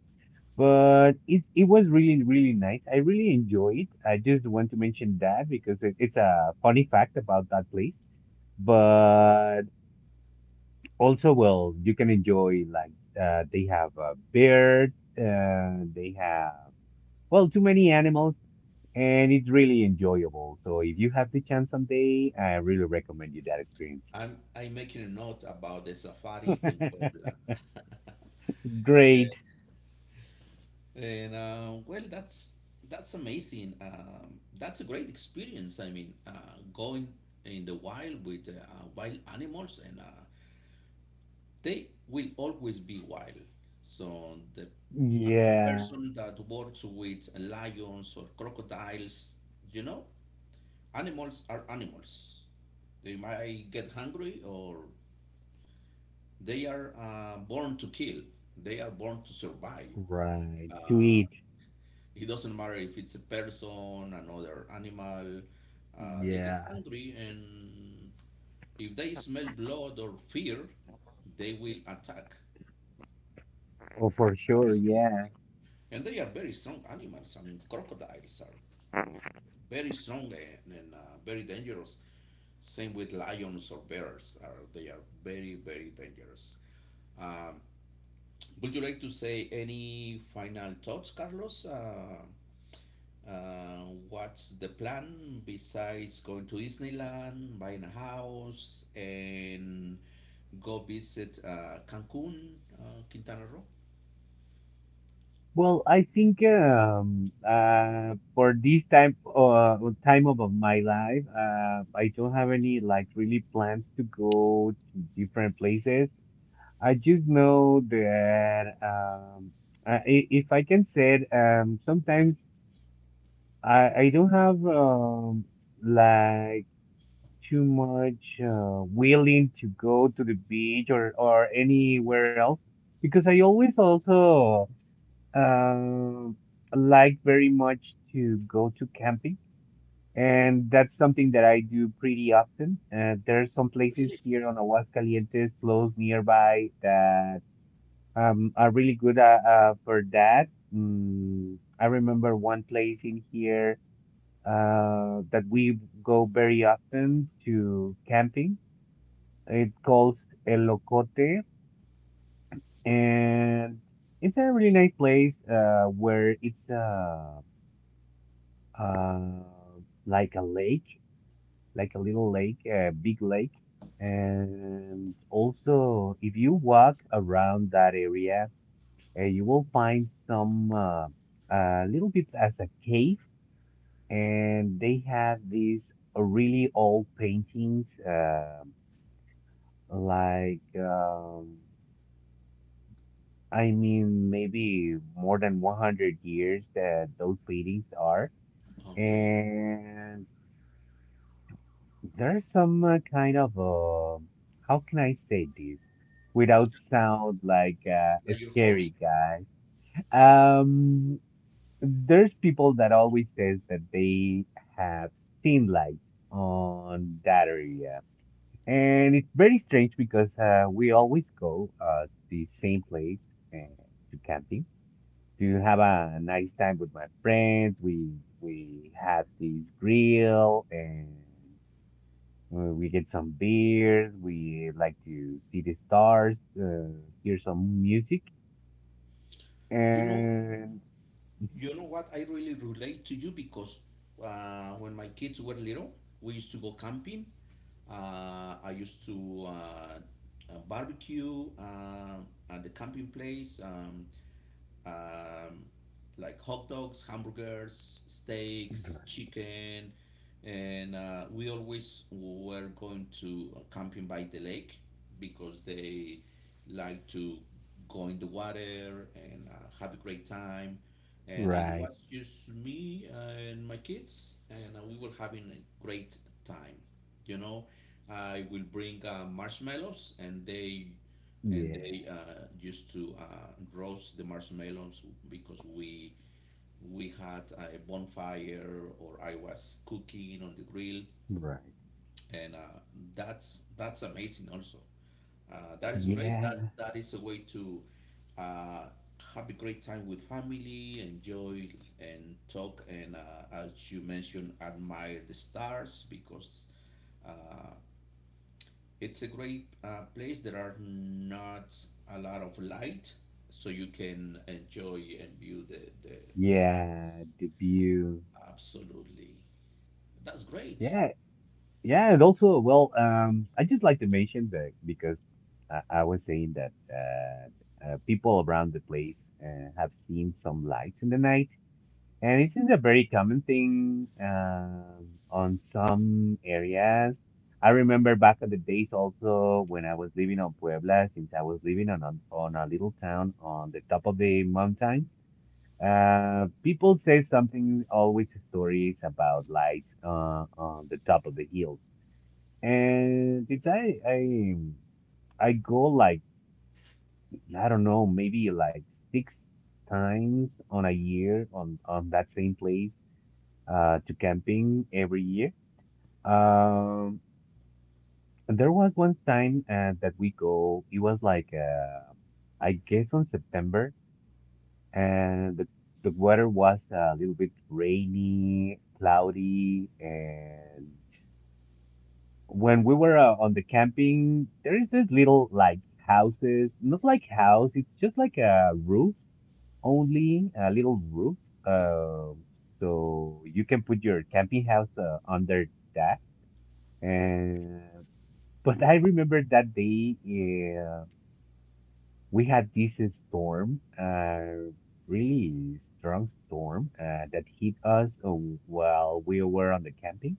Speaker 2: But it it was really really nice. I really enjoyed it. I just want to mention that because it, it's a funny fact about that place. But also, well, you can enjoy like, uh, they have a bear. Uh, they have well too many animals, and it's really enjoyable. So if you have the chance someday, I really recommend you that experience.
Speaker 1: ahead. I'm I'm making a note about the safari in Puebla. Eh,
Speaker 2: Great.
Speaker 1: And uh, well, that's that's amazing. Um, that's a great experience. I mean, uh, going in the wild with uh, wild animals, and uh, they will always be wild. So the uh,
Speaker 2: Yeah.
Speaker 1: person that works with lions or crocodiles, you know, animals are animals. They might get hungry, or they are uh, born to kill. They are born to survive.
Speaker 2: Right. To
Speaker 1: Uh,
Speaker 2: eat.
Speaker 1: it doesn't matter if it's a person, another animal. Uh, they get
Speaker 2: Yeah.
Speaker 1: hungry, and if they smell blood or fear, they will attack.
Speaker 2: Oh, for sure. Yeah.
Speaker 1: And they are very strong animals. I mean, crocodiles are very strong, and, and uh, very dangerous. Same with lions or bears. Are they are very very dangerous. Um, would you like to say any final thoughts, Carlos? Uh, uh, what's the plan besides going to Disneyland, buying a house, and go visit uh, Cancun, uh, Quintana Roo?
Speaker 2: Well, I think um uh for this type uh time of of my life, uh, I don't have any like really plans to go to different places. I just know that um uh, i- if I can say it, um, sometimes I I don't have um, like too much uh, willing to go to the beach or, or anywhere else because I always also um like very much to go to camping. And that's something that I do pretty often. Uh, there are some places
Speaker 1: Really?
Speaker 2: here on Aguascalientes close nearby that um, are really good, uh, uh, for that. Mm, I remember one place in here uh, that we go very often to camping. It calls El, and it's a really nice place uh, where it's uh, uh, like a lake, like a little lake, a big lake. And also, if you walk around that area, uh, you will find some uh, a little bit as a cave, and they have these really old paintings, uh, like. Um, I mean, maybe more than one hundred years that those paintings are.
Speaker 1: Okay,
Speaker 2: And there's some uh, kind of, uh, how can I say this
Speaker 1: it's,
Speaker 2: without
Speaker 1: your-
Speaker 2: sound like uh,
Speaker 1: it's
Speaker 2: a
Speaker 1: like your hobby.
Speaker 2: scary guy? Um, there's people that always says that they have seen lights on that area. And it's very strange because uh, we always go uh, to the same place uh, to camping to have a nice time with my friends. We we have this grill and, uh, we get some beers. We like to see the stars, uh, hear some music,
Speaker 1: You know,
Speaker 2: and
Speaker 1: you know what? I really relate to you because uh, when my kids were little, we used to go camping. Uh, I used to uh, uh, barbecue uh, at the camping place. Um, um, like hot dogs, hamburgers, steaks, chicken, and uh, we always were going to uh, camping by the lake because they like to go in the water and uh, have a great time. And it
Speaker 2: Right,
Speaker 1: was just me and my kids, and uh, we were having a great time. You know, I will bring uh, marshmallows, and they and
Speaker 2: yeah,
Speaker 1: they uh, used to uh, roast the marshmallows because we we had a bonfire, or I was cooking on the grill,
Speaker 2: right.
Speaker 1: and uh, that's that's amazing. Also, uh, that is great. That
Speaker 2: Yeah,
Speaker 1: that is a way to uh, have a great time with family, enjoy and talk, and uh, as you mentioned, admire the stars because. Uh, It's a great uh, place. There are not a lot of light, so you can enjoy and view the, the, the stars.
Speaker 2: yeah, the view.
Speaker 1: Absolutely. That's great.
Speaker 2: Yeah, yeah, and also, well, um, I just like to mention that because I, I was saying that uh, uh, people around the place uh, have seen some lights in the night, and this is a very common thing, um, on some areas. I remember back in the days also when I was living on Puebla, since I was living on a, on a little town on the top of the mountains. Uh, people say something, always stories about lights uh, on the top of the hills, and since I I I go like, I don't know, maybe like six times on a year on on that same place uh to camping every year. Um, there was one time uh, that we go. It was like uh, I guess on September, and the the weather was a little bit rainy, cloudy, and when we were uh, on the camping, there is this little like houses, not like house, it's just like a roof only, a little roof. Uh, so you can put your camping house uh, under that. And but I remember that day, uh, we had this uh, storm, uh, really strong storm uh, that hit us uh, while we were on the camping.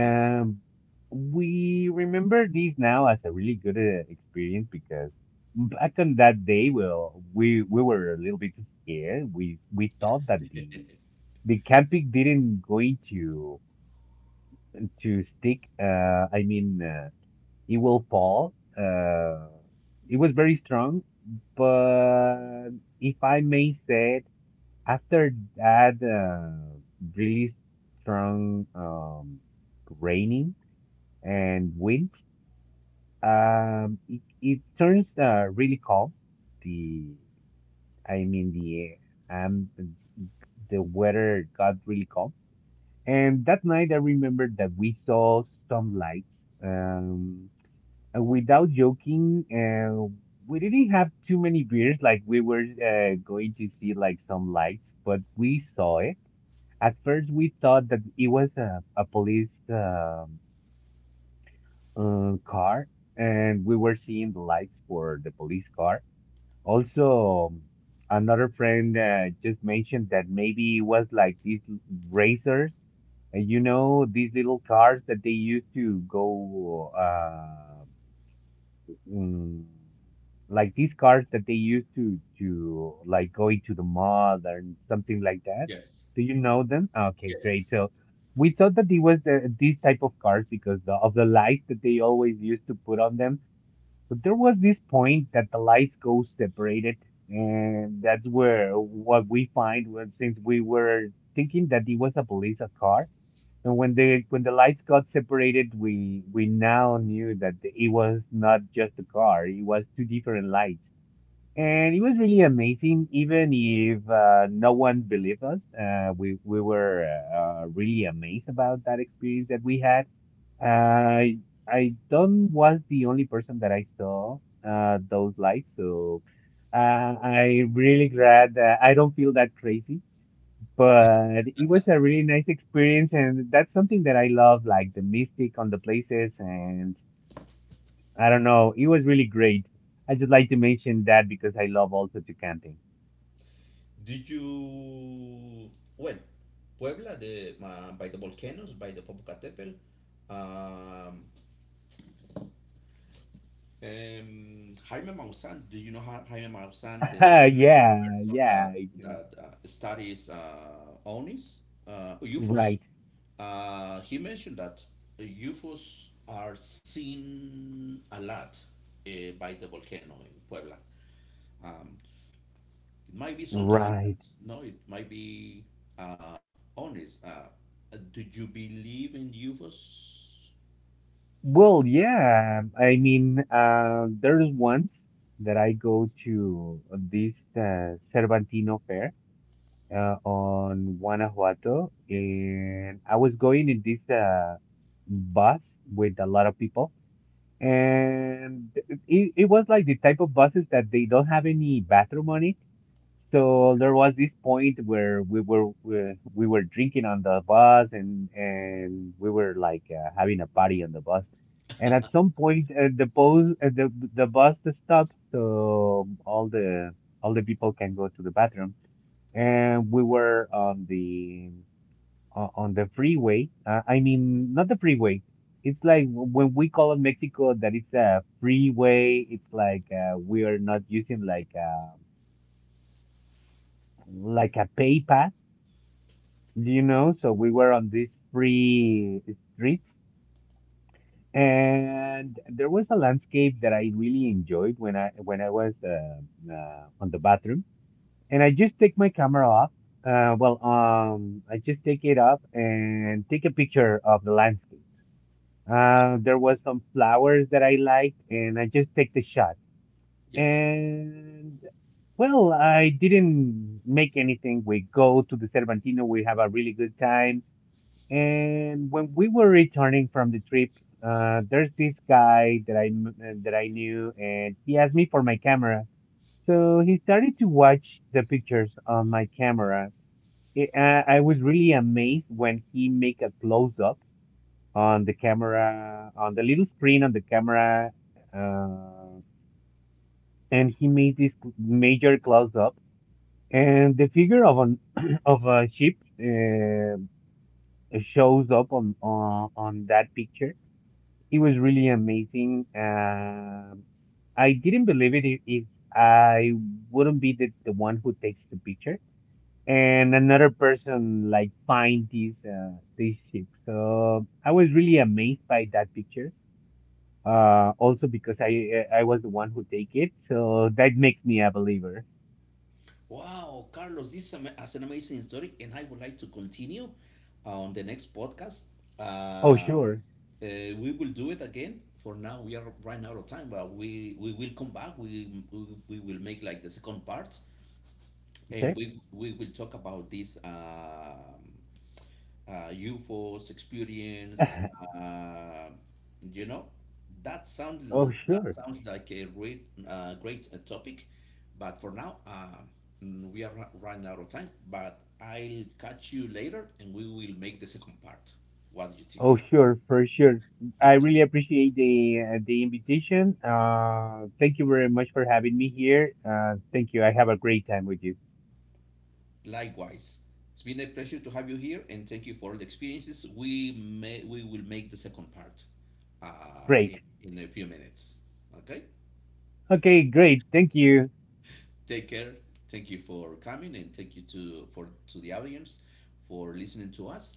Speaker 1: Yes.
Speaker 2: we remember this now as a really good uh, experience because back on that day, well, we we were a little bit scared. We we thought that the the camping didn't going to to stick. Uh, I mean, uh, it will fall. Uh, it was very strong, but if I may say it, after that, uh, really strong um raining and wind. Um, it, it turns uh, really cold. The I mean the um the weather got really cold. And that night, I remember that we saw some lights. Um, and without joking, uh, we didn't have too many beers. Like we were uh, going to see like some lights, but we saw it. At first, we thought that it was a, a police um um, car, and we were seeing the lights for the police car. Also, um, another friend uh, just mentioned that maybe it was like these l- racers, uh, you know, these little cars that they used to go uh, mm, like these cars that they use to to like going to the mall and something like that.
Speaker 1: Yes.
Speaker 2: Do you know them? Okay,
Speaker 1: Yes.
Speaker 2: great. So we thought that it was the, these type of cars because the, of the lights that they always used to put on them. But there was this point that the lights go separated, and that's where what we find was since we were thinking that it was a police car, and when the when the lights got separated, we we now knew that the- it was not just a car; it was two different lights, and it was really amazing. Even if, uh, no one believed us, uh, we we were uh, really amazed about that experience that we had. I I don't was the only person that I saw uh, those lights, so uh, I really glad that I don't feel that crazy. But it was a really nice experience, and that's something that I love, like the mystic on the places, and I don't know, it was really great. I just like to mention that because I love also to camping.
Speaker 1: Did you. Well, Puebla, the, uh, by the volcanoes, by the Popocatépetl. Um, um, Jaime Maussan, do you know how Jaime Maussan, the
Speaker 2: yeah,
Speaker 1: person
Speaker 2: yeah,
Speaker 1: that,
Speaker 2: I do.
Speaker 1: that uh, studies uh, O N I S, uh, U F Os?
Speaker 2: Right,
Speaker 1: Uh, he mentioned that uh, U F Os are seen a lot uh, by the volcano in Puebla. Um, it might be something like that.
Speaker 2: right.
Speaker 1: No, it might be uh, honest. Uh, uh, do you believe in U F Os?
Speaker 2: Well, yeah. I mean, uh, there's once that I go to this uh, Cervantino fair uh, on Guanajuato, and I was going in this uh, bus with a lot of people, and it, it was like the type of buses that they don't have any bathroom on it. So there was this point where we were we, we were drinking on the bus, and and we were like uh, having a party on the bus. And at some point, uh, the bus uh, the the bus stopped, so all the all the people can go to the bathroom. And we were on the o- on the freeway. Uh, I mean, not the freeway. It's like w- when we call in Mexico that it's a freeway. It's like uh, we are not using like a like a pay path, you know. So we were on these free streets, and there was a landscape that I really enjoyed when I when I was uh, uh, on the bathroom, and I just take my camera off. Uh, well, um, I just take it up and take a picture of the landscape. Uh, there was some flowers that I liked, and I just take the shot.
Speaker 1: Yes.
Speaker 2: And well, I didn't make anything. We go to the Cervantino. We have a really good time. And when we were returning from the trip, uh, there's this guy that I m- uh, that I knew, and he asked me for my camera. So he started to watch the pictures on my camera. It, uh, I was really amazed when he make a close up on the camera, on the little screen on the camera, uh, and he made this major close up, and the figure of an of a sheep uh, shows up on on on that picture. It was really amazing. Um I didn't believe it if, if I wouldn't be the, the one who takes the picture and another person like find these uh, these sheep. So I was really amazed by that picture. Uh, also because I I was the one who take it, so that makes me a believer.
Speaker 1: Wow, Carlos, this is ama- is an amazing story, and I would like to continue on the next podcast.
Speaker 2: Oh
Speaker 1: Uh,
Speaker 2: sure,
Speaker 1: Uh, we will do it again. For now, we are running out of time, but we, we will come back. We, we we will make like the second part, and
Speaker 2: okay.
Speaker 1: we we will talk about this um uh, U F Os experience. Uh, you know, that
Speaker 2: oh
Speaker 1: sound that
Speaker 2: sure,
Speaker 1: sounds like a great uh, great uh, topic, but for now, uh, mm, we are ru- running out of time. But I'll catch you later, and we will make the second part. What do you think?
Speaker 2: oh sure, for sure. I really appreciate the uh, the invitation. Uh, thank you very much for having me here. Uh, thank you. I have a great time with you.
Speaker 1: Likewise, it's been a pleasure to have you here, and thank you for all the experiences. We may we will make the second part uh, in,
Speaker 2: Great.
Speaker 1: in a few minutes. Okay,
Speaker 2: Okay, great. Thank you.
Speaker 1: take care. Thank you for coming, and thank you to for to the audience for listening to us.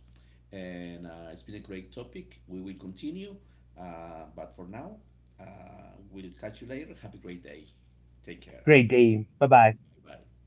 Speaker 1: And uh, it's been a great topic. We will continue, uh, but for now, uh, we'll catch you later. Have a great day. Take care.
Speaker 2: Great day. Bye bye.
Speaker 1: Bye bye.